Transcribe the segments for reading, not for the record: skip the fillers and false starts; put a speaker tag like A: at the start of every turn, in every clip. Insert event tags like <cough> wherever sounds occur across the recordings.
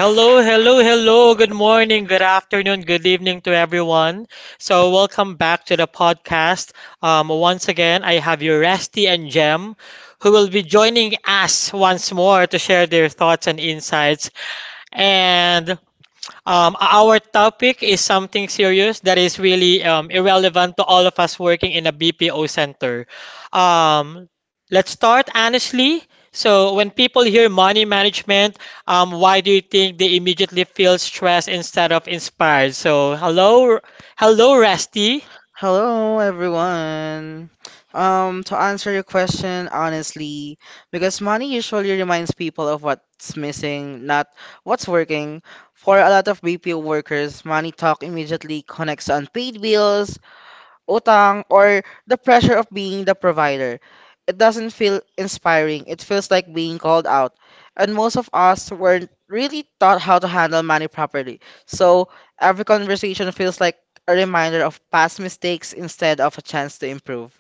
A: Hello, hello, hello. Good morning, good afternoon, good evening to everyone. So, welcome back to the podcast. Once again, I have your Resty and Jem who will be joining us once more to share their thoughts and insights. And Our topic is something serious that is really irrelevant to all of us working in a BPO center. Um, let's start honestly. So, when people hear money management, why do you think they immediately feel stressed instead of inspired? So, hello, hello, Rusty.
B: Hello, everyone. To answer your question honestly, because money usually reminds people of what's missing, not what's working. For a lot of BPO workers, money talk immediately connects to unpaid bills, utang, or the pressure of being the provider. It doesn't feel inspiring. It feels like being called out. And most of us weren't really taught how to handle money properly. So every conversation feels like a reminder of past mistakes instead of a chance to improve.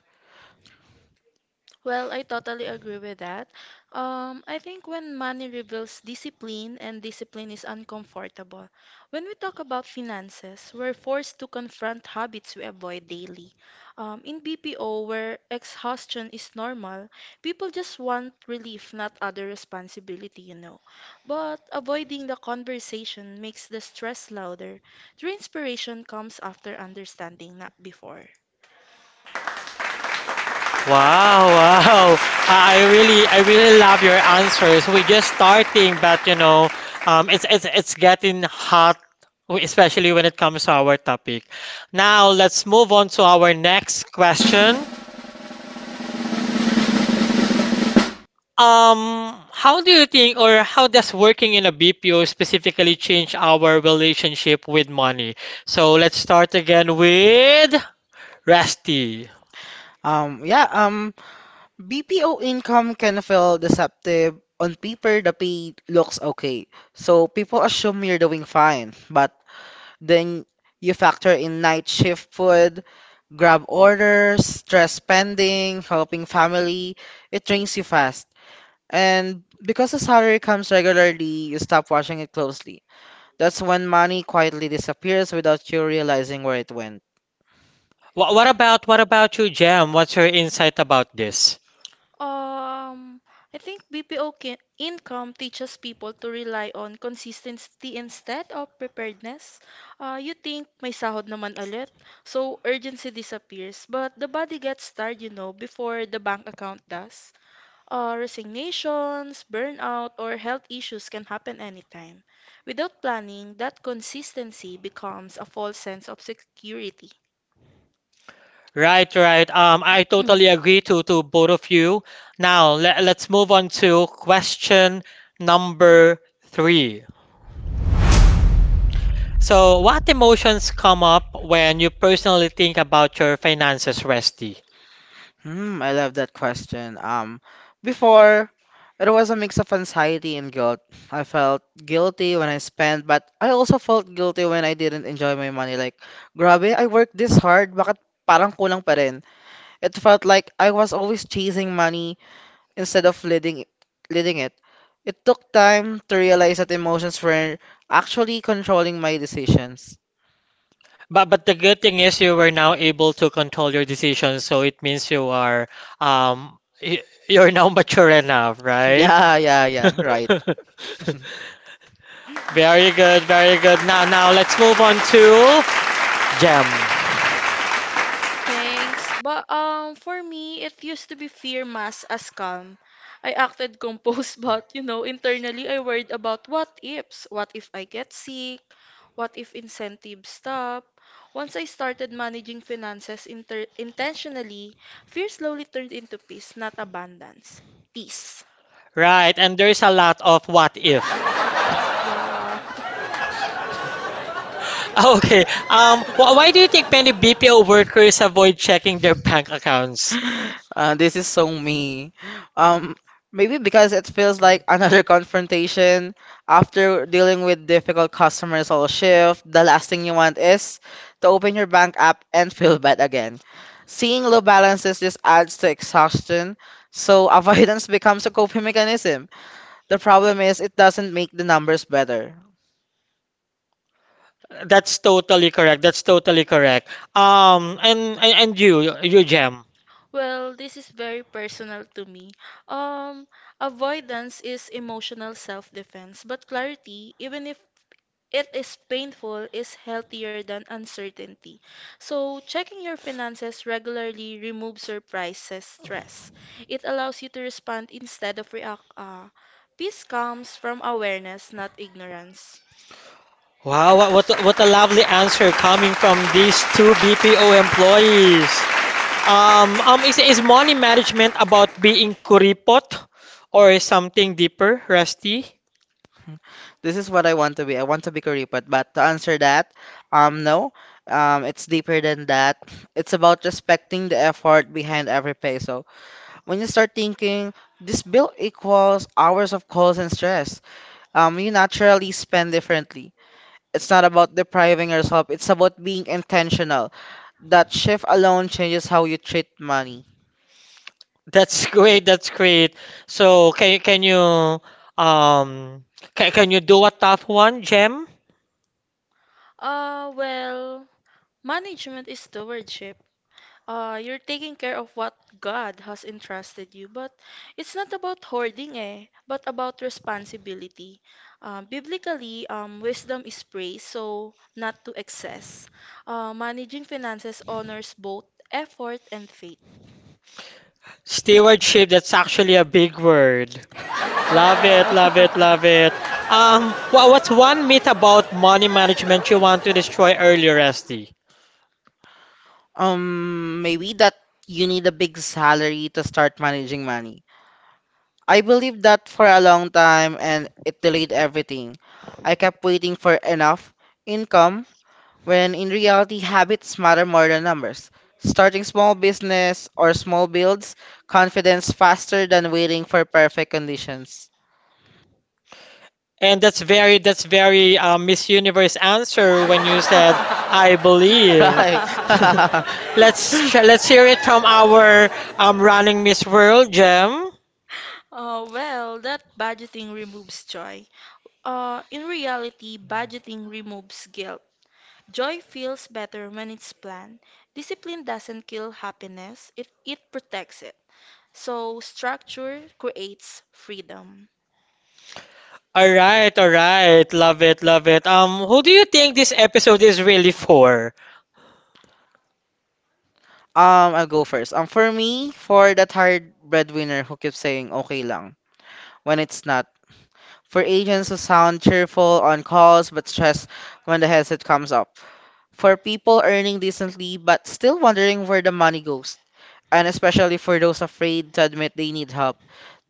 C: Well, I totally agree with that. I think when money reveals discipline and discipline is uncomfortable. When we talk about finances, we're forced to confront habits we avoid daily. In BPO, where exhaustion is normal, people just want relief, not other responsibility, you know. But avoiding the conversation makes the stress louder. True inspiration comes after understanding, not before.
A: Wow, wow. I really love your answers. We're just starting, but you know, it's getting hot, especially when it comes to our topic. Now, let's move on to our next question. How do you think, or how does working in a BPO specifically change our relationship with money? So let's start again with Rusty.
B: Um, yeah, um, BPO income can feel deceptive. On paper, the pay looks okay. So people assume you're doing fine, but then you factor in night shift food, Grab orders, stress spending, helping family, it drains you fast. And because the salary comes regularly, you stop watching it closely. That's when money quietly disappears without you realizing where it went.
A: What about you, Jam? What's your insight about this?
C: Um, I think income teaches people to rely on consistency instead of preparedness. You think may sahod naman ulit, so urgency disappears. But the body gets tired, you know, before the bank account does. Resignations, burnout, or health issues can happen anytime. Without planning, that consistency becomes a false sense of security.
A: Right, right. I totally agree to both of you.
C: <clears throat>
A: Now, let's move on to question number three. So, what emotions come up when you personally think about your finances, Resty?
B: I love that question. Before, it was a mix of anxiety and guilt. I felt guilty when I spent, but I also felt guilty when I didn't enjoy my money. Like, grabe, I worked this hard, bakit parang kulang pa rin? It felt like I was always chasing money instead of leading it. It took time to realize that emotions were actually controlling my decisions.
A: But the good thing is you were now able to control your decisions, so it means you are you're now <laughs> mature enough,
B: <laughs>
A: right?
B: Yeah, yeah, yeah,
A: <laughs>
B: right. <laughs>
A: Very good, very good. Now, now let's move on to Gem.
C: Thanks. But for me it used to be fear mass as calm. I acted composed <laughs> but you know internally I worried about what ifs. What if I get sick? What if incentives stop? Once I started managing finances intentionally, fear slowly turned into peace, not abundance. Peace.
A: Right, and there's a lot of what if. <laughs>
C: Yeah. <laughs>
A: Ah, okay, why do you think many BPO workers avoid checking their bank accounts?
B: This is so me. Um, Maybe because it feels like another <laughs> confrontation after dealing with difficult customers all shift. The last thing you want is to open your bank app and feel bad again. Seeing low balances just adds to exhaustion, so <laughs> avoidance becomes a coping mechanism. The problem is it doesn't make the numbers better.
A: That's totally correct. That's totally correct. And you, you Gem.
C: Well, this is very personal to me. Um, Avoidance is emotional self-defense, but clarity, even if it is painful is healthier than uncertainty. So, checking your finances regularly removes surprises stress. It allows you to respond instead of react. Peace comes from awareness, not ignorance.
A: Wow, what a lovely answer coming from these two BPO employees. Is money management about being kuripot or something deeper, Rusty?
B: <laughs> This is what I want to be. I want to be Kuripat, but to answer that, no, it's deeper than that. <sighs> It's about respecting the effort behind every peso. When you start thinking this bill equals hours of calls and stress, you naturally spend differently. It's not about depriving yourself. It's about being intentional. That shift alone changes how you treat money.
A: That's <laughs> great. That's great. So can you um can you do a tough one, Gem?
C: Uh, well, Management is stewardship. You're taking care of what God has entrusted you, but it's not about hoarding, eh, but about responsibility. Biblically, wisdom is praised, so not to excess. Managing finances honors both effort and faith.
A: Stewardship, that's actually a big word. Love it, love it,
C: Well,
A: love it. What's one myth about money management you want to destroy earlier, Esty?
B: Maybe that you need a big salary to start managing money. I believed that for a long time and it delayed everything. I kept waiting for enough income when in reality habits matter more than numbers. Starting small business or small builds confidence faster than waiting for perfect conditions.
A: And that's very,
C: <laughs>
A: Miss Universe answer when you said I
B: <laughs>
A: believe.
B: Right.
C: <laughs>
B: <laughs>
A: <laughs> Let's hear it from our running Miss World, Gem.
C: That budgeting removes joy. In reality, budgeting removes guilt. Joy feels better when it's planned. Discipline doesn't kill happiness, it protects it. So, structure creates freedom.
A: All right, all right. Love it, love it. Who do you think this episode is really for?
B: I'll go first. For me, for that hard breadwinner who keeps saying okay lang when it's not, for agents who sound cheerful on calls but stressed when the headset comes up. For people earning decently but still wondering where the money goes. And especially for those afraid to admit they need help.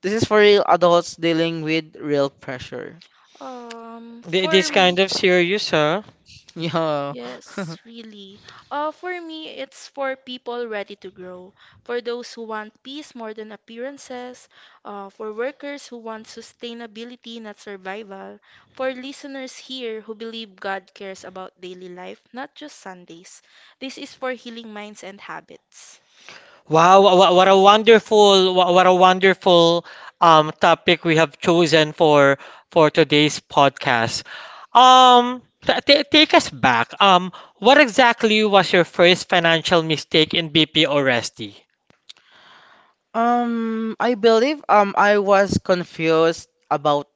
B: This is for real adults dealing with real pressure. <laughs>
C: Um, for
A: This
C: m-
A: kind of serious, huh?
B: Yeah. <laughs>
C: Yes, really. For me, it's for people ready to grow, for those who want peace more than appearances, for workers who want sustainability, not survival, for listeners here who believe God cares about daily life, not just Sundays. This is for healing minds and habits.
A: Wow, what a wonderful topic we have chosen for today's podcast. Take us back. What exactly was your first financial mistake in BPO? Oresti?
B: I believe I was confused about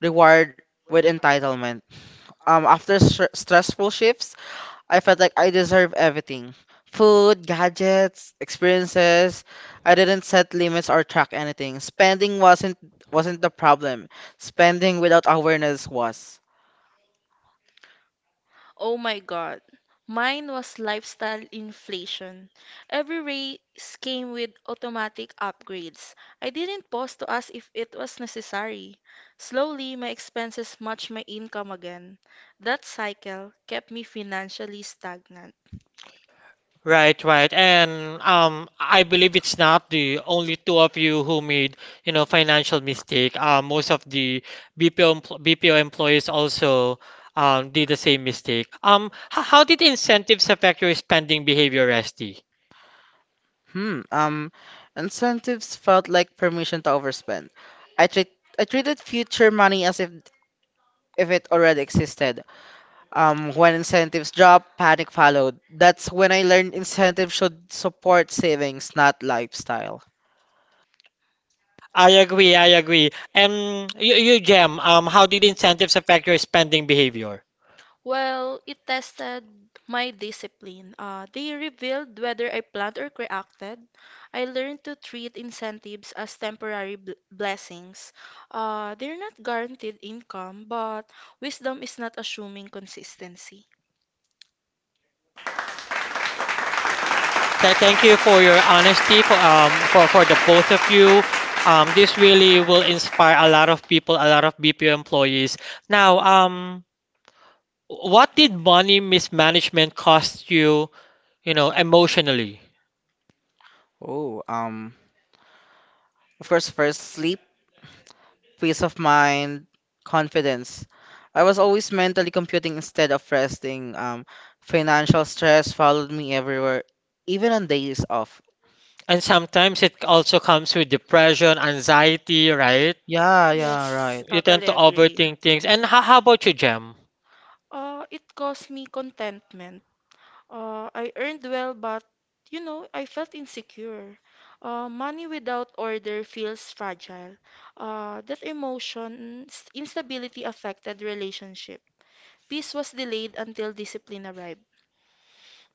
B: reward with entitlement. After stressful shifts, I felt like I deserve everything. Food, gadgets, experiences. I didn't set limits or track anything. Spending wasn't the problem. Spending without awareness was.
C: Oh my God. Mine was lifestyle inflation. Every race came with automatic upgrades. I didn't pause to ask if it was necessary. Slowly, my expenses matched my income again. That cycle kept me financially stagnant.
A: Right, right. And I believe it's not the only two of you who made, you know, financial mistake. Most of the BPO employees also did the same mistake. How did incentives affect your spending behavior, Resty?
B: Hmm. Um, Incentives felt like permission to overspend. I treat I treated future money as if it already existed. When incentives dropped, panic followed. That's when I learned incentives should support savings, not lifestyle.
A: I agree, I agree. And you, Jem, how did incentives affect your spending behavior?
C: Well, it tested my discipline. They revealed whether I planned or reacted. I learned to treat incentives as temporary bl blessings. They're not guaranteed income, but wisdom is not assuming consistency.
A: Thank you for your honesty for the both of you. This really will inspire a lot of people, a lot of BPO employees. Now, what did money mismanagement cost you, you know, emotionally?
B: Oh, um, of course, first sleep. Peace of mind, confidence. I was always mentally computing instead of resting. Financial stress followed me everywhere, even on days off.
A: And sometimes it also comes with depression, anxiety, right?
B: Yeah, yeah,
C: Yes,
B: right.
A: You tend
C: totally
A: to
C: agree.
A: overthink things. And how about you, Jem?
C: It caused me contentment. I earned well, but you know, I felt insecure. Money without order feels fragile. That instability affected relationship. Peace was delayed until discipline arrived.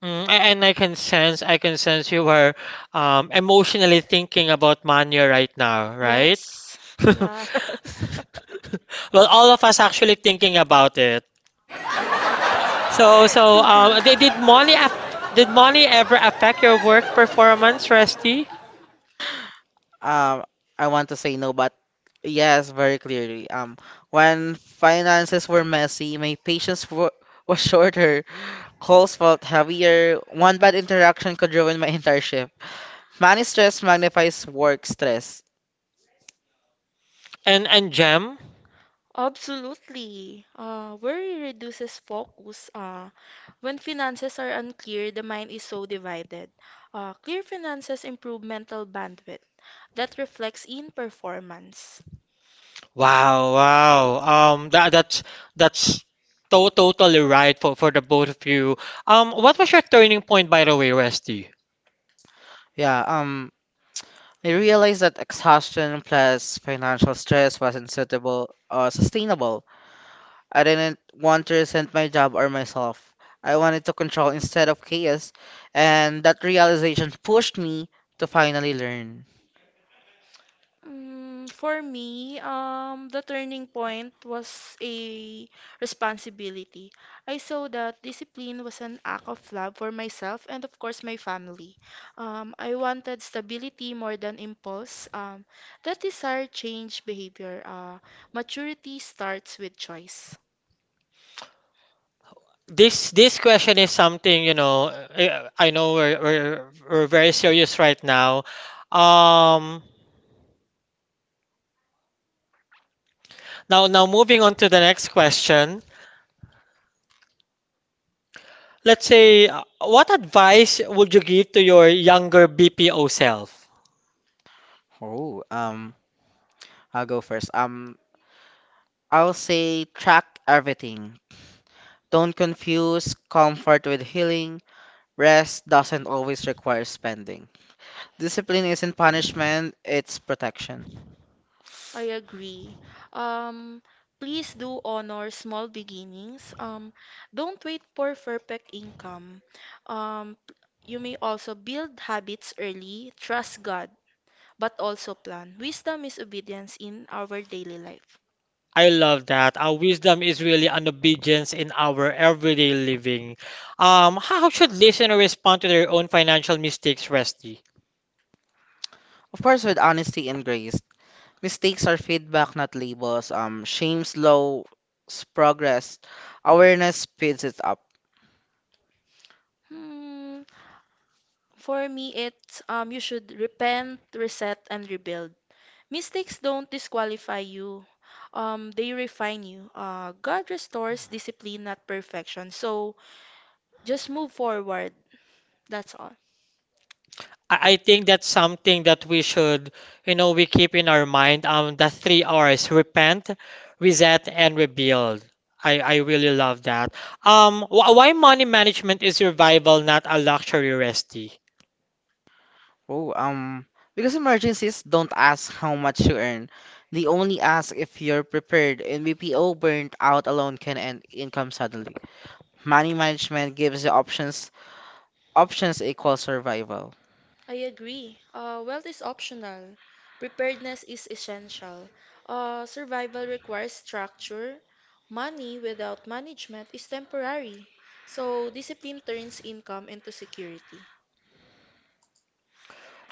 A: Mm, and I can sense you are emotionally thinking about money right now, right?
C: Yes,
A: <laughs>
C: <laughs> yes.
A: Well, all of us actually thinking about it. So, did money did money ever affect your work performance, Resty
B: Um, I want to say no, but yes, very clearly. When finances were messy, my <laughs> was shorter. Calls felt heavier. One bad interaction could ruin my <laughs> entire shift. Money stress magnifies work stress.
A: and Gem?
C: Absolutely. Worry reduces focus. When finances are unclear, the mind is so divided. Clear finances improve mental bandwidth. That reflects in performance.
A: Wow, wow. That that's totally right for the both of you. What was your turning point, by the way, Resty?
B: Yeah. Um. I realized that exhaustion plus financial stress wasn't suitable or sustainable. I didn't want to resent my job or myself. I wanted to control instead of chaos, and that realization pushed me to finally learn.
C: For me, the turning point was a responsibility. I saw that discipline was an act of love for myself and, of course, my family. I wanted stability more than impulse. That desire changed behavior. Maturity starts with choice.
A: This question is something, you know. I know we're very serious right now. Um, Now now moving on to the next question. Let's say, what advice would you give to your younger BPO self?
B: Oh, um, I'll go first. I'll say track everything. Don't confuse comfort with healing. Rest doesn't always require spending. Discipline isn't punishment, it's protection.
C: I agree. Um, Please do honor small beginnings. Don't wait for perfect income. Um, p- you may also build habits early, trust God, but also plan. Wisdom is obedience in our daily life.
A: I love that. Our wisdom is really an obedience in our everyday living. How should listeners respond to their own financial mistakes, Rusty?
B: Of course, with honesty and grace. Mistakes are feedback, not labels. Shame slows progress. Awareness speeds it up.
C: Hmm, for me, it's you should repent, reset, and rebuild. Mistakes don't disqualify you. They refine you. God restores discipline, not perfection. So, just move forward. That's all.
A: I think that's something that we should, you know, we keep in our mind. The three R's: repent, reset, and rebuild. I really love that. Why money management is survival, not a luxury, Rusty?
B: Oh, um, because emergencies don't ask how much you earn. They only ask if you're prepared, and BPO burnt out alone can end income suddenly. Money management gives you options. Options equal survival.
C: I agree. Wealth is optional. Preparedness is essential. Survival requires structure. Money without management is temporary. So, discipline turns income into security.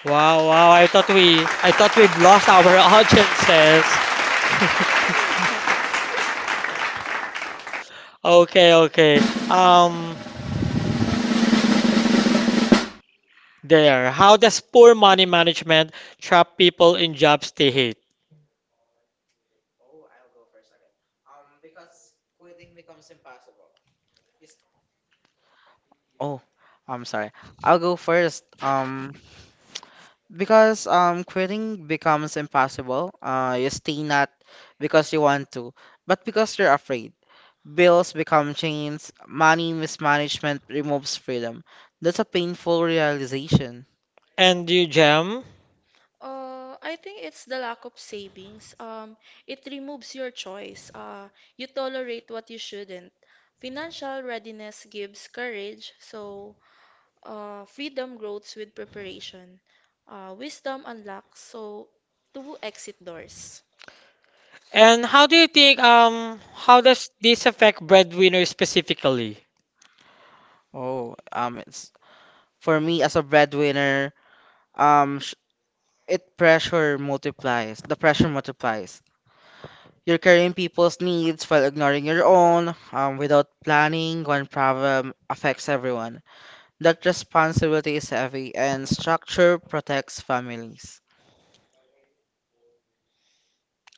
A: Wow, wow. I thought we've lost our <laughs> audiences. <laughs>
C: <laughs>
A: Okay, okay. Um, there. How does poor money management trap people in jobs they hate?
B: Oh, I'm sorry. I'll go first. Because quitting becomes impossible. You stay not because you want to, but because you're afraid. Bills become chains. Money mismanagement removes freedom. That's a painful realization.
A: And you, Jem?
C: I think it's the lack of savings. It removes your choice. You tolerate what you shouldn't. Financial readiness gives courage, so freedom grows with preparation. Wisdom unlocks, so to exit doors.
A: And how do you think, how does this affect breadwinners specifically?
B: Oh, it's for me as a breadwinner. Um, sh- it pressure multiplies. The pressure multiplies. You're carrying people's needs while ignoring your own. Without planning, one problem affects everyone. That responsibility is heavy, and structure protects families.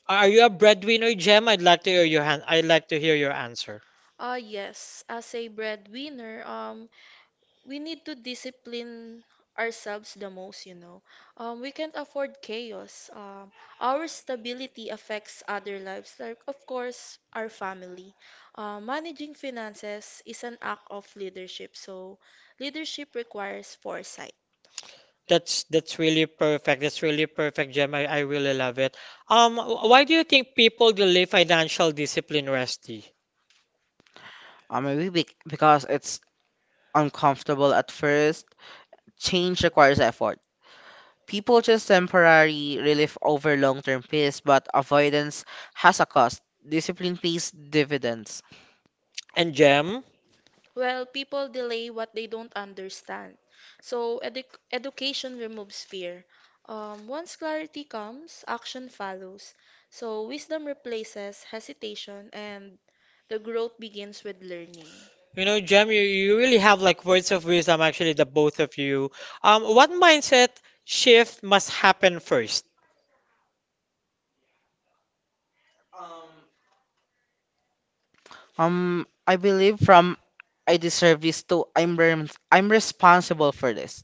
A: Are you a breadwinner, Jem? I'd like to hear your hand. I'd like to hear your answer.
C: Ah yes, as a breadwinner, we need to discipline ourselves the most, you know. We can't afford chaos. Our stability affects other lives, like, of course, our family. Managing finances is an act of leadership, so leadership requires foresight.
A: That's really perfect. That's really perfect, Gem. I really love it. Why do you think people delay financial discipline, Rusty?
B: Or because it's uncomfortable at first, change requires effort. People choose temporary relief over long term peace, but avoidance has a cost. Discipline pays dividends.
A: And Gem?
C: Well, people delay what they don't understand. So education removes fear. Once clarity comes, action follows. So wisdom replaces hesitation, and the growth begins with learning.
A: You know, Gem, you really have, like, words of wisdom, actually, the both of you. What mindset shift must happen first?
B: I believe from I deserve this to I'm responsible for this.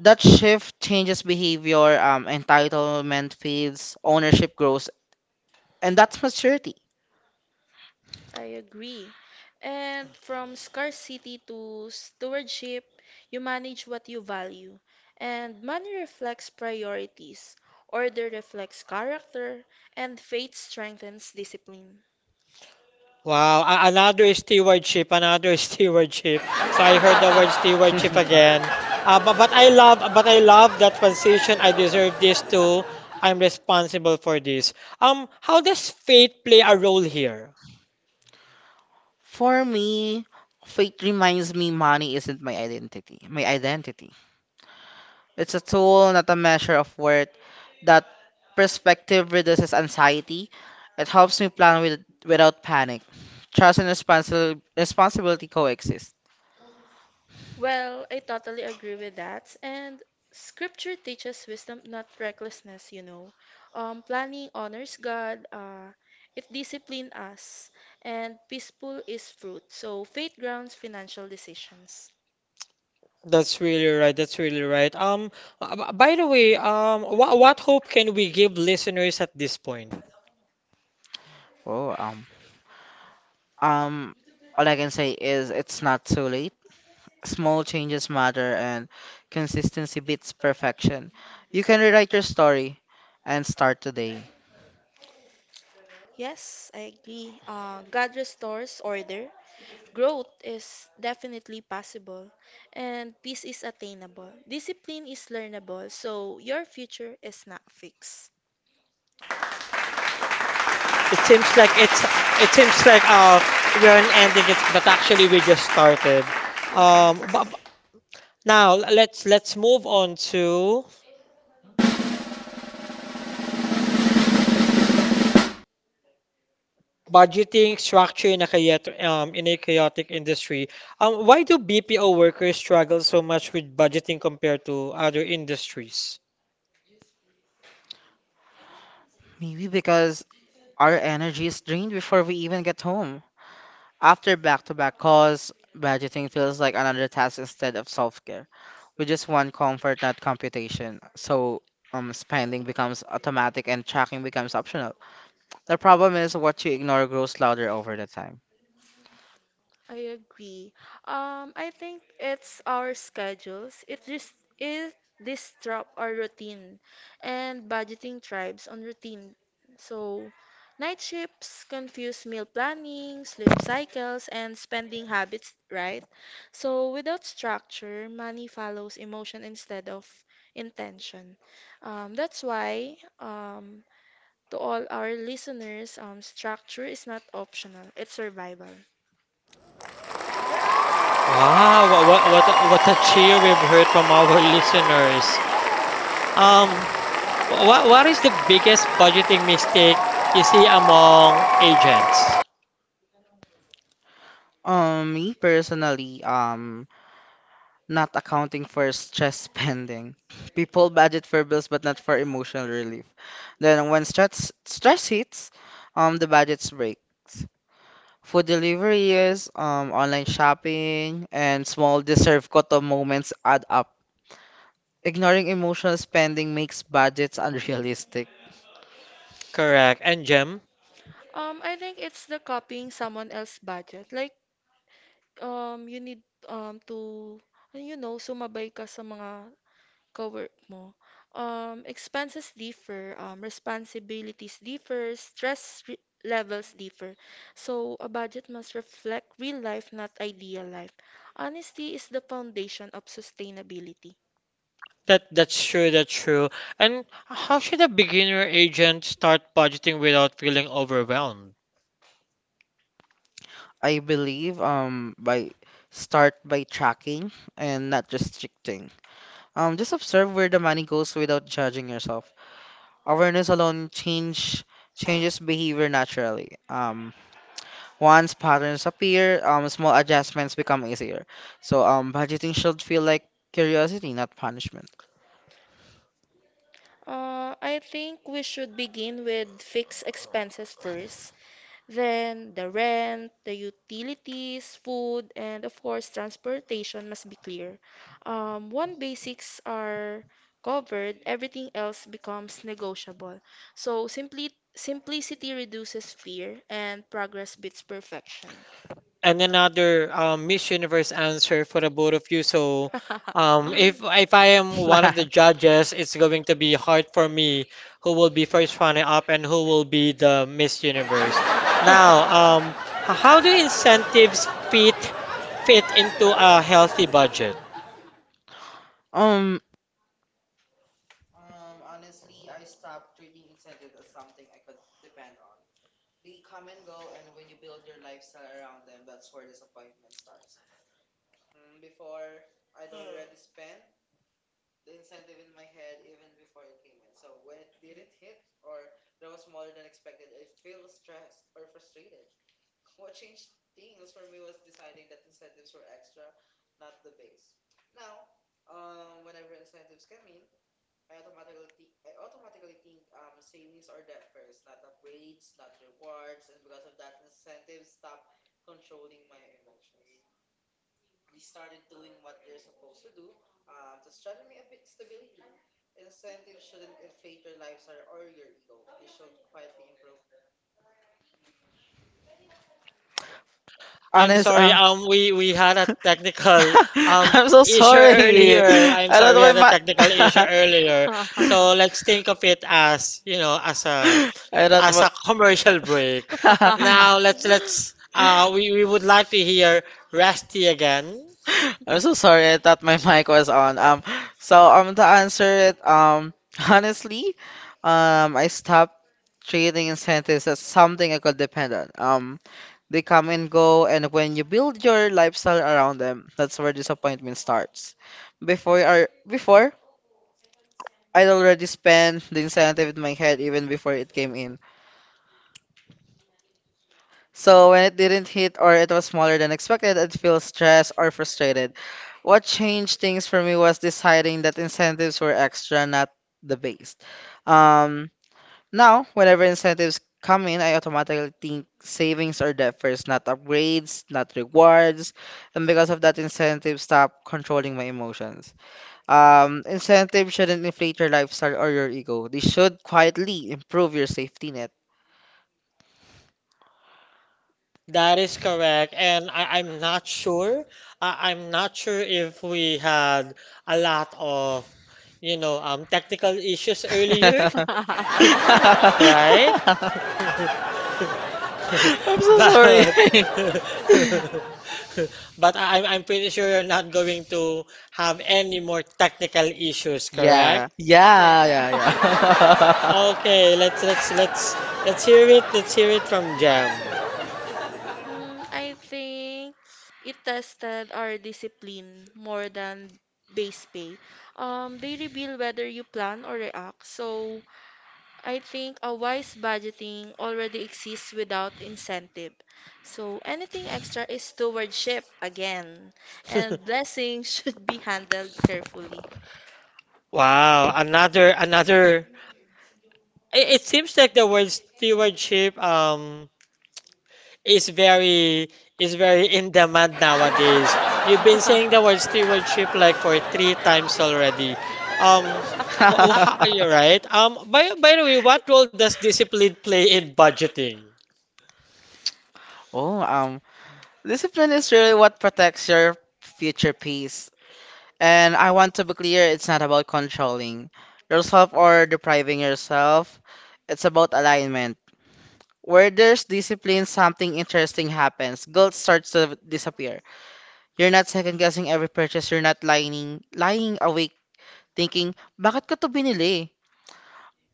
B: That shift changes behavior, entitlement fades, ownership grows, and that's maturity.
C: I agree. And from scarcity to stewardship, you manage what you value. And money reflects priorities, order reflects character, and faith strengthens discipline.
A: Wow, another stewardship, another <laughs> stewardship. So I heard the word stewardship
C: <laughs>
A: again. But I love that transition. I deserve this too. I'm responsible for this. How does faith play a role here?
B: For me, faith reminds me money isn't my identity. My identity. It's a tool, not a measure of worth. That perspective reduces anxiety. It helps me without panic. Trust and responsibility coexist.
C: Well, I totally agree with that. And scripture teaches wisdom, not recklessness, you know. Planning honors God, it disciplines us, and peaceful is fruit. So faith grounds financial decisions.
A: That's really right. That's really right. By the way, what hope can we give listeners at this point?
B: Oh, um, um, all I can say is it's not too late. Small changes matter, and consistency beats perfection. You can rewrite your story and start today.
C: Yes, I agree. God restores order. Growth is definitely possible, and peace is attainable. Discipline is learnable, so your future is not fixed.
A: It seems like it seems like we're not ending it, but actually we just started. But
C: Yes.
A: Now let's move on to budgeting structure in a chaotic industry. Why do BPO workers struggle so much with budgeting compared to other industries?
B: Maybe because our energy is drained before we even get home. After back to back calls, budgeting feels like another task instead of self care. We just want comfort, not computation. Spending becomes automatic and tracking becomes optional. The problem is what you ignore grows louder over the time.
C: I agree. I think it's our schedules. It just it disrupt our routine and budgeting tribes on routine. So night shifts confuse meal planning, sleep cycles, and spending habits, right? So without structure, money follows emotion instead of intention. That's why to all our listeners, structure is not optional, it's survival.
A: Wow, what a cheer we've heard from our <laughs> listeners. Um, what is the biggest budgeting mistake you see among agents?
B: Me personally, not accounting for stress <laughs> spending. People budget for bills but not for emotional relief. Then when stress hits, the budgets break. Food deliveries, online shopping, and small deserve koto moments add up. Ignoring emotional spending makes budgets unrealistic.
A: Correct. And Jem?
C: I think it's the copying someone else's budget. Like, you need to, you know, sumabay ka sa mga kawork mo. Expenses differ, responsibilities differ, stress re levels differ. So, a budget must reflect real life, not ideal life. Honesty is the foundation of sustainability.
A: That's true. And how should a beginner agent start budgeting without feeling overwhelmed?
B: I believe by start by tracking and not restricting. Just observe where the money goes without judging yourself. Awareness alone change changes behavior naturally. Once patterns appear, small adjustments become easier. Budgeting should feel like curiosity, not punishment.
C: I think we should begin with fixed expenses first. Then the rent, the utilities, food, and of course transportation must be clear. One basics are covered, everything else becomes negotiable. So simply simplicity reduces fear and progress beats perfection.
A: And another Miss Universe answer for the both of you. So, if I am one of the
B: <laughs>
A: judges, it's going to be hard for me who will be first runner up and who will be the Miss Universe. Now, um, how do incentives fit into a healthy budget?
B: Um,
A: I'm
B: honest,
A: sorry.
B: uh,
A: We had a technical
B: <laughs>
A: um
B: I'm so
A: issue
B: sorry.
A: earlier. I'm
B: I don't
A: sorry, we
B: know
A: had a
B: my
A: technical issue
B: <laughs>
A: earlier. So let's think of it as, you know,
B: I
C: <laughs>
B: don't
A: as
B: know.
A: a commercial break. Now
B: <laughs>
A: we would like to hear Rusty again.
B: I'm so sorry. I thought my <laughs> mic was on. To answer it, <laughs> honestly, I stopped treating incentives as something I could depend on. They come and go, and when you build your lifestyle around them, that's where disappointment starts. Before I'd already spent the incentive in my head even before it came in. So when it didn't hit or it was smaller than expected, I'd feel stressed or frustrated. What changed things for me was deciding that incentives were extra, not the base. Um, Now, whenever incentives come in, I automatically think savings are debt first, not upgrades, not rewards. And because of that, incentives stop controlling my emotions. Incentives shouldn't inflate your lifestyle or your ego. They should quietly improve your safety net.
A: That is correct. And I'm not sure. I'm not sure if we had a lot of, you know, technical issues earlier,
B: <laughs>
A: <laughs> right? <laughs>
B: I'm
A: <laughs>
B: so sorry.
A: But
B: <laughs>
A: <laughs> but I'm pretty sure you're not going to have any more technical issues, correct?
B: Yeah, yeah,
C: Yeah.
B: yeah,
C: <laughs>
B: yeah.
A: Okay,
B: <laughs>
A: let's hear it. Let's hear it from Jam.
C: I think it tested our discipline more than base pay. They reveal whether you plan or react. So I think a wise budgeting already exists without incentive. So anything extra is stewardship again, and
A: <laughs>
C: blessings <laughs> should be handled carefully.
A: Wow, another another. It seems like the word stewardship is very, is very in demand nowadays. You've been saying the word
C: Yeah. <laughs>
A: stewardship like for three times already. Um, how are
B: <laughs>
A: you right? By the way, what role does discipline play in budgeting?
B: Oh, um, Discipline is really what protects your future peace. And I want to be clear, it's not about controlling yourself or depriving yourself. It's about alignment. Where there's discipline, something interesting happens. Guilt starts to disappear. You're not second guessing every purchase. You're not lying awake thinking, bakit ko to binili?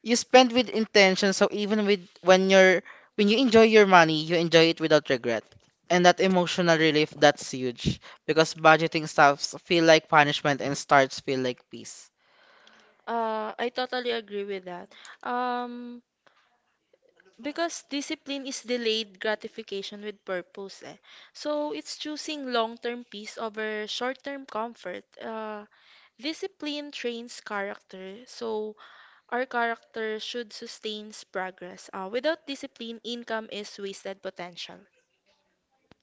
B: You spend with intention, so even with when you're when you enjoy your money, you enjoy it without regret, and that emotional relief, that's huge because budgeting stops feel like punishment and starts feel like peace.
C: I totally agree with that. Um, because discipline is delayed gratification with purpose, eh. So it's choosing long-term peace over short-term comfort. Discipline trains character, so our character should sustain progress. Without discipline, income is wasted potential.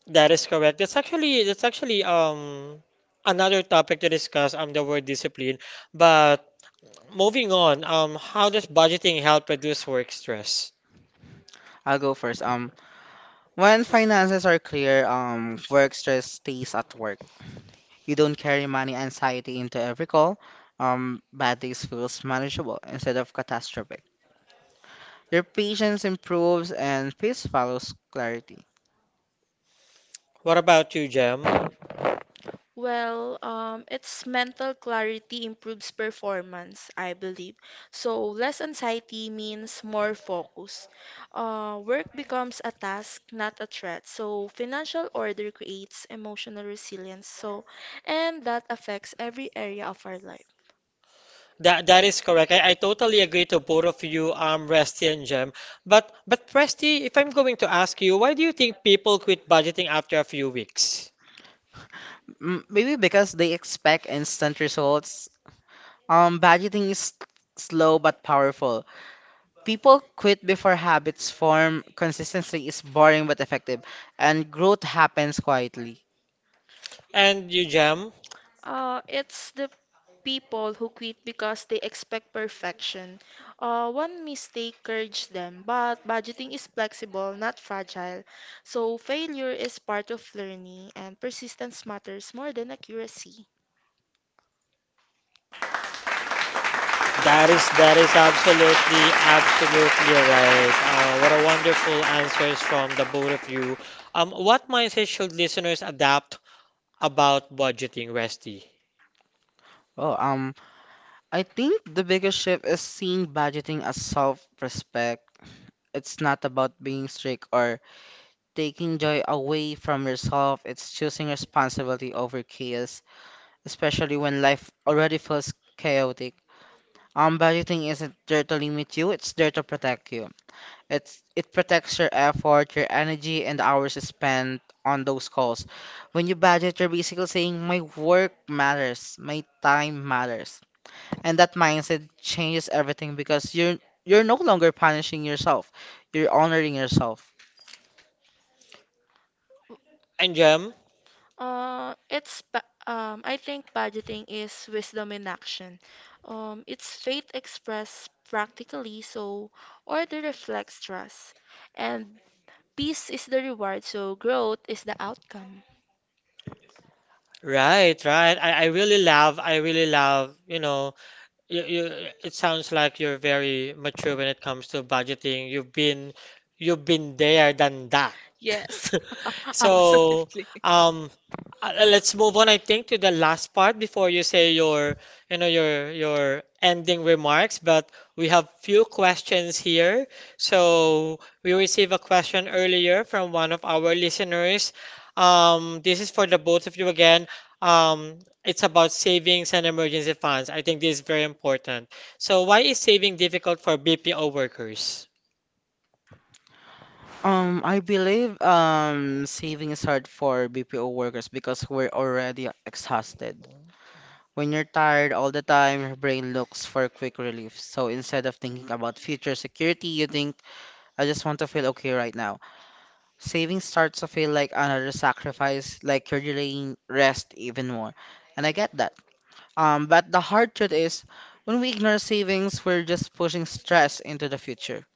A: That is correct. That's actually another topic to discuss. The word discipline, but moving on. How does budgeting help reduce work stress?
B: I'll go first. When finances are clear, work stress stays at work. You don't carry money anxiety into every call. Um, bad days feels manageable instead of catastrophic. Your patience improves and peace follows clarity.
A: What about you, Jem?
C: Well, it's mental clarity improves performance, I believe. So less anxiety means more focus. Work becomes a task, not a threat. So financial order creates emotional resilience. So, and that affects every area of our life.
A: That is correct. I totally agree to both of you, Resty and Jem. But Presty, if I'm going to ask you, why do you think people quit budgeting after a few weeks?
B: Maybe because they expect instant results. Budgeting is slow but powerful. People quit before habits form. Consistency is boring but effective, and growth happens quietly.
A: And you, Jem?
C: It's the people who quit because they expect perfection. One mistake hurts them, but budgeting is flexible, not fragile. So failure is part of learning, and persistence matters more than accuracy.
A: That is absolutely right. What a wonderful answers from the both of you. What mindset should listeners adapt about budgeting, Resty?
B: Well, um, I think the biggest shift is seeing budgeting as self-respect. It's not about being strict or taking joy away from yourself. It's choosing responsibility over chaos, especially when life already feels chaotic. Budgeting isn't there to limit you, it's there to protect you. It protects your effort, your energy, and the hours spent on those calls. When you budget, you're basically saying my work matters, my time matters. And that mindset changes everything because you're no longer punishing yourself. You're honoring yourself.
A: And Jem?
C: I think budgeting is wisdom in action. It's faith expressed practically, so order reflects trust, and peace is the reward, so growth is the outcome.
A: Right, right. I really love, you know, you, it sounds like you're very mature when it comes to budgeting. You've been there, done that.
C: Yes, <laughs> so,
A: <laughs> So,
C: absolutely.
A: um, let's move on, I think, to the last part before you say your, you know, your ending remarks. But we have few questions here. So we received a question earlier from one of our listeners. This is for the both of you again. It's about savings and emergency funds. I think this is very important. So why is saving difficult for BPO workers?
B: I believe saving is hard for BPO workers because we're already exhausted. When you're tired all the time, your brain looks for quick relief. So instead of thinking about future security, you think, I just want to feel okay right now. Saving starts to feel like another sacrifice, like you're delaying rest even more. And I get that. But the hard truth is, when we ignore savings, we're just pushing stress into the future.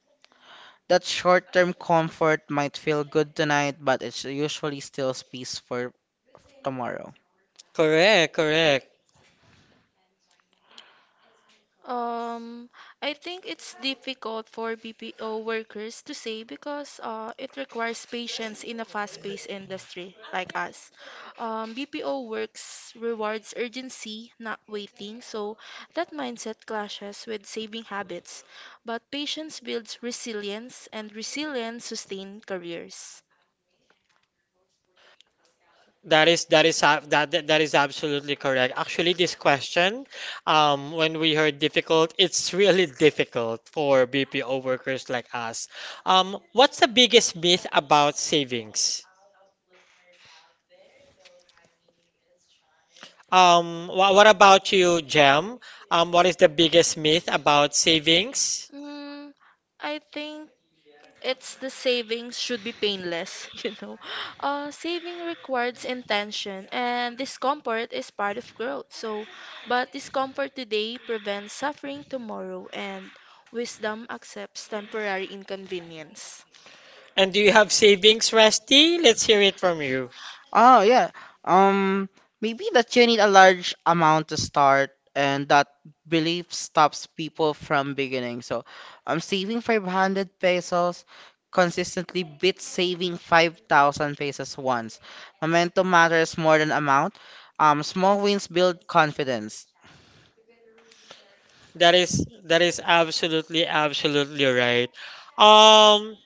B: That short term comfort might feel good tonight, but it usually steals peace for tomorrow.
A: Correct, correct.
C: Um, I think it's difficult for BPO workers to say because it requires patience in a fast-paced industry like us. BPO works rewards urgency, not waiting, so that mindset clashes with saving habits. But patience builds resilience, and resilience sustains careers.
A: That is ab- that that that is absolutely correct. Actually, this question, when we heard difficult, it's really difficult for BPO workers like us. What's the biggest myth about savings? What about you, Jem? What is the biggest myth about savings?
C: Mm, I think. It's the savings should be painless, <laughs> you know. Saving requires intention, and discomfort is part of growth. So, but discomfort today prevents suffering tomorrow, and wisdom accepts temporary inconvenience.
A: And do you have savings, Rusty? Let's hear it from you.
B: Oh yeah. Um, Maybe that you need a large amount to start, and that belief stops people from beginning. So, saving 500 pesos consistently beats saving 5,000 pesos once. Momentum matters more than amount. Small wins build confidence.
A: That is absolutely right. Um,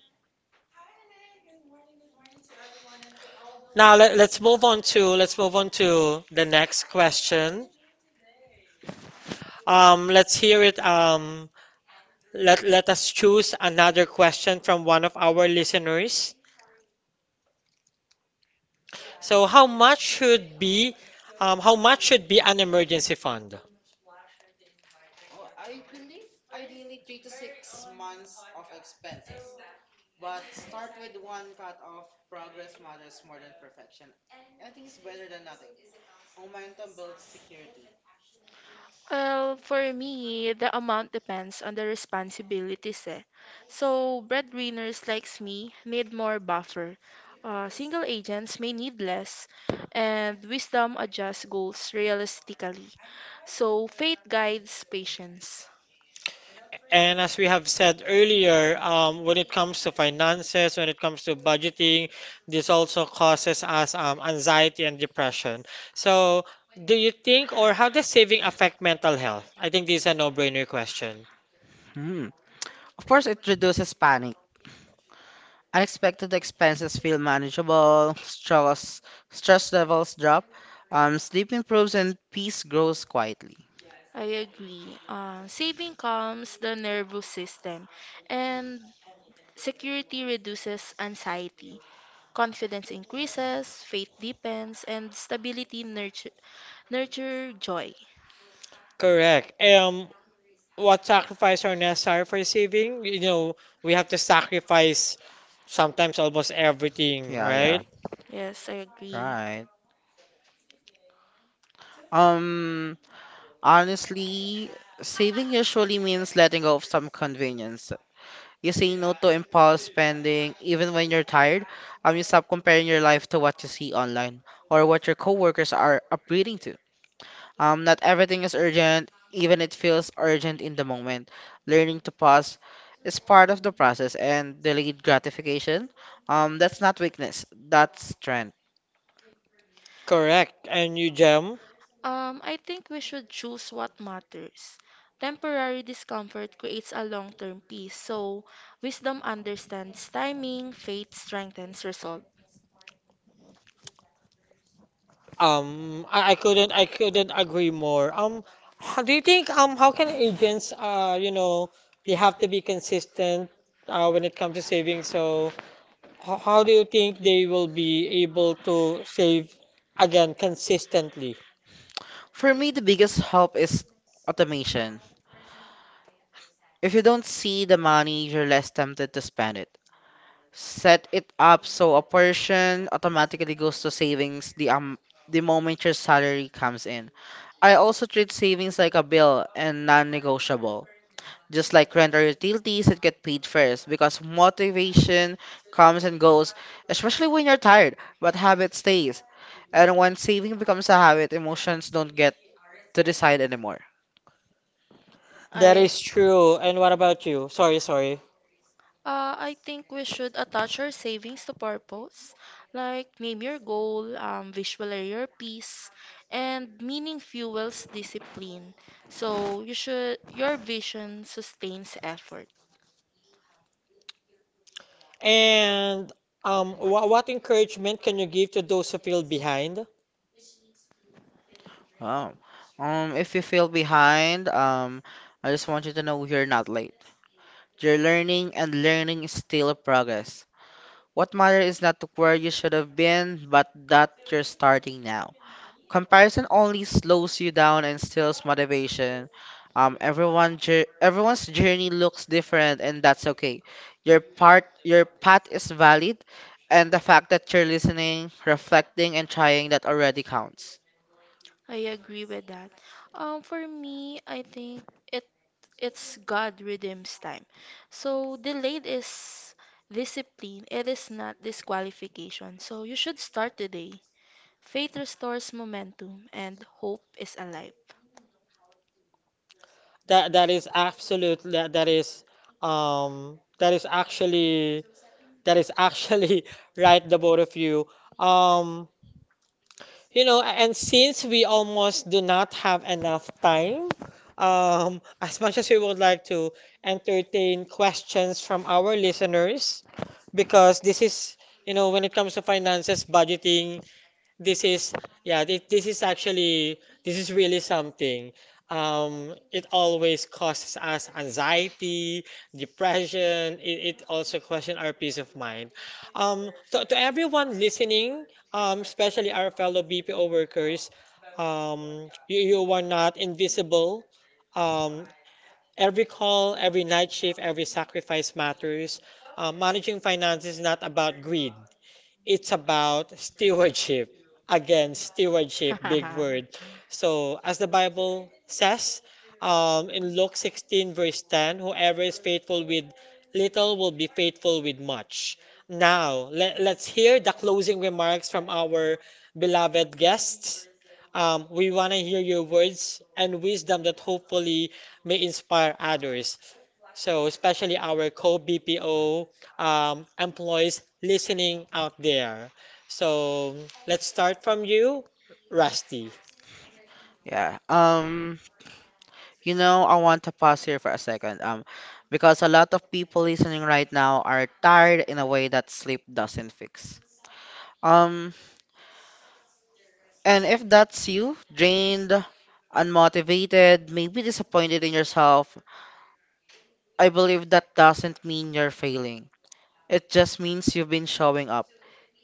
A: Now let's move on to, the next question. Let's hear it. Let let us choose another question from one of our listeners. So how much should be, how much should be an emergency fund?
C: Well, for me, the amount depends on the responsibilities. Eh. So, breadwinners like me need more buffer. Single agents may need less, and wisdom adjusts goals realistically. So faith guides patience.
A: And as we have said earlier, when it comes to finances, when it comes to budgeting, this also causes us anxiety and depression. So do you think, or how does saving affect mental health? I think this is a no-brainer question.
B: Hmm. Of course, it reduces panic. Unexpected expenses feel manageable. Stress levels drop. Sleep improves and peace grows quietly.
C: I agree. Saving calms the nervous system, and security reduces anxiety. Confidence increases, faith deepens, and stability nurture joy.
A: Correct. What sacrifice are necessary for saving? You know, we have to sacrifice sometimes almost everything,
B: Yeah, yeah,
A: right?
C: Yes, I agree.
B: right. Um, Honestly, saving usually means letting go of some convenience. You say no to impulse spending even when you're tired. You stop comparing your life to what you see online or what your coworkers are upgrading to. Not everything is urgent, even it feels urgent in the moment. Learning to pause is part of the process and delayed gratification. That's not weakness, that's strength.
A: Correct. And you, Jem?
C: I think we should choose what matters. Temporary discomfort creates a long term peace, so wisdom understands timing, faith strengthens resolve.
A: I couldn't, I couldn't agree more. Do you think, how can agents, you know, they have to be consistent, when it comes to saving? So how do you think they will be able to save again consistently?
B: For me, the biggest help is automation. If you don't see the money, you're less tempted to spend it. Set it up so a portion automatically goes to savings the moment your salary comes in. I also treat savings like a bill and non-negotiable. Just like rent or utilities it get paid first because motivation comes and goes, especially when you're tired, but habit stays. And when saving becomes a habit, emotions don't get to decide anymore.
A: That
C: I
A: is true. And what about you? Sorry, sorry.
C: I think we should attach our savings to purpose, like name your goal, visualize your peace, and meaning fuels discipline. So your vision sustains effort.
A: And what encouragement can you give to those who feel behind?
B: Oh, if you feel behind, I just want you to know you're not late. You're learning, and learning is still a progress. What matters is not where you should have been, but that you're starting now. Comparison only slows you down and steals motivation. Everyone's journey looks different, and that's okay. Your part, your path is valid, and the fact that you're listening, reflecting, and trying that already counts.
C: I agree with that. For me, I think it it's God redeems time. So delayed is discipline. It is not disqualification. So you should start today. Faith restores momentum, and hope is alive.
A: That that is absolute. That um that is actually that is actually <laughs> right. The both of you. Um, you know, and since we almost do not have enough time, <laughs> as much as we would like to entertain questions from our listeners, because this is, you know, when it comes to finances, budgeting, This is, yeah, this is actually, this is really something. It always causes us anxiety, depression. It also question our peace of mind. So to everyone listening, especially our fellow BPO workers, you are not invisible. Um, every call, every night shift, every sacrifice matters. Managing finance is not about greed, it's about stewardship. Again, stewardship, big
C: <laughs>
A: word. So, as the Bible says, in Luke 16, verse 10, whoever is faithful with little will be faithful with much. Now, let's hear the closing remarks from our beloved guests. We want to hear your words and wisdom that hopefully may inspire others. So, especially our co-BPO employees listening out there. So, let's start from you, Rusty.
B: Yeah. You know, I want to pause here for a second, because a lot of people listening right now are tired in a way that sleep doesn't fix. Um, and if that's you, drained, unmotivated, maybe disappointed in yourself, I believe that doesn't mean you're failing. It just means you've been showing up,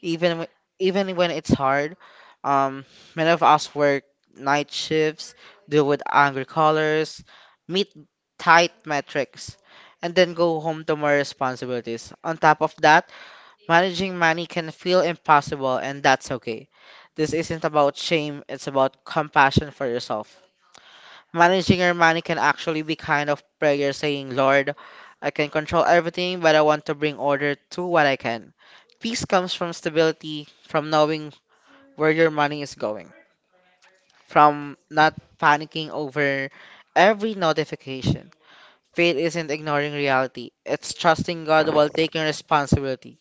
B: even w- even when it's hard. Um, Many of us work night shifts, deal with angry callers, meet tight metrics, and then go home to more responsibilities. On top of that, managing money can feel impossible, and that's okay. This isn't about shame; it's about compassion for yourself. Managing your money can actually be kind of prayer saying, Lord, I can control everything, but I want to bring order to what I can. Peace comes from stability, from knowing where your money is going, from not panicking over every notification. Faith isn't ignoring reality, it's trusting God while taking responsibility.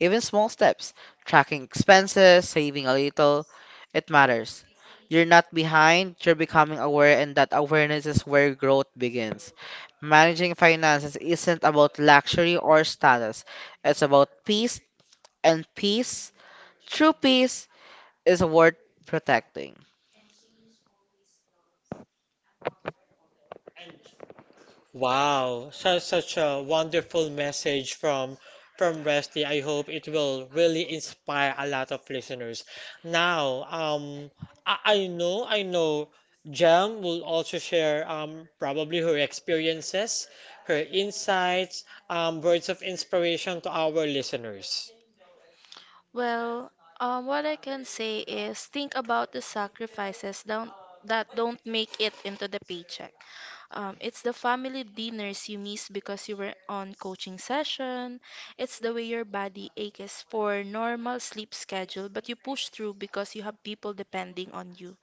B: Even small steps, tracking expenses, saving a little, it matters. You're not behind, you're becoming aware, and that awareness is where growth begins. Managing finances isn't about luxury or status, it's about peace, and peace, true peace, is worth protecting.
A: Wow, such such a wonderful message from Rusty. I hope it will really inspire a lot of listeners. Now, I, I know Jam will also share probably her experiences, her insights, words of inspiration to our listeners.
C: Well, what I can say is think about the sacrifices don't, that don't make it into the paycheck. It's the family dinners you miss because you were on coaching session. It's the way your body aches for normal sleep schedule but you push through because you have people depending on you.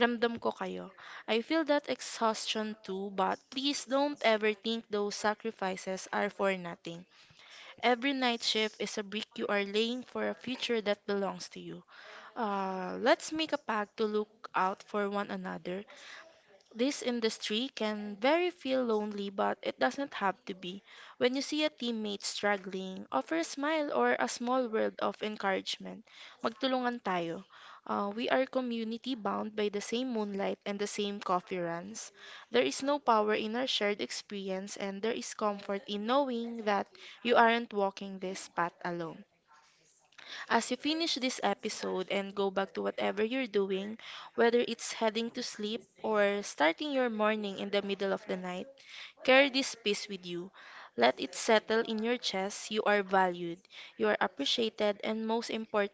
C: Ramdam ko kayo. I feel that exhaustion too but please don't ever think those sacrifices are for nothing. Every night shift is a brick you are laying for a future that belongs to you. Let's make a pact to look out for one another, this industry can very feel lonely, but it doesn't have to be. When you see a teammate struggling, offer a smile or a small word of encouragement. Magtulungan tayo. We are community bound by the same moonlight and the same coffee runs. There is no power in our shared experience, and there is comfort in knowing that you aren't walking this path alone. As you finish this episode and go back to whatever you're doing, whether it's heading to sleep or starting your morning in the middle of the night, carry this peace with you. Let it settle in your chest. You are valued, you are appreciated, and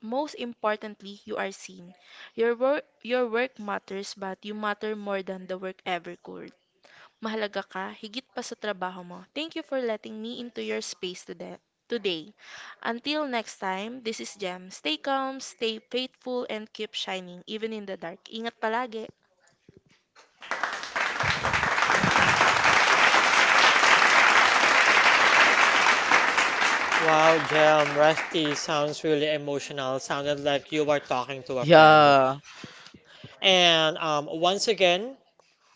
C: most importantly, you are seen. Your work matters, but you matter more than the work ever could. Mahalaga ka higit pa sa trabaho mo. Thank you for letting me into your space Today. Until next time, this is Jem. Stay calm, stay faithful, and keep shining even in the dark. Ingat palagi.
A: Wow, Jem, Rusty sounds really emotional. Sounded like you were talking to a friend.
B: Yeah,
A: And Once again,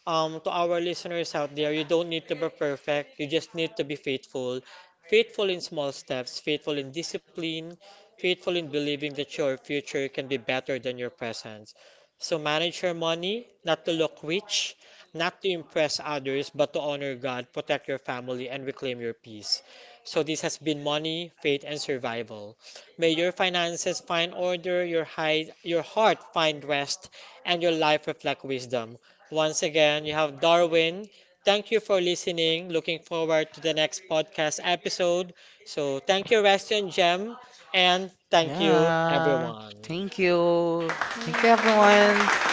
A: to our listeners out there, you don't need to be perfect. You just need to be faithful. Faithful in small steps, faithful in discipline, faithful in believing that your future can be better than your present. So manage your money, not to look rich, not to impress others, but to honor God, protect your family, and reclaim your peace. So this has been money, faith, and survival. May your finances find order, your heart find rest, and your life reflect wisdom. Once again, you have Darwin. Thank you for listening. Looking forward to the next podcast episode. So, thank you, Restian Gem, and thank you,
B: yeah.
A: everyone.
B: Thank you. Thank you,
C: Thanks.
B: everyone.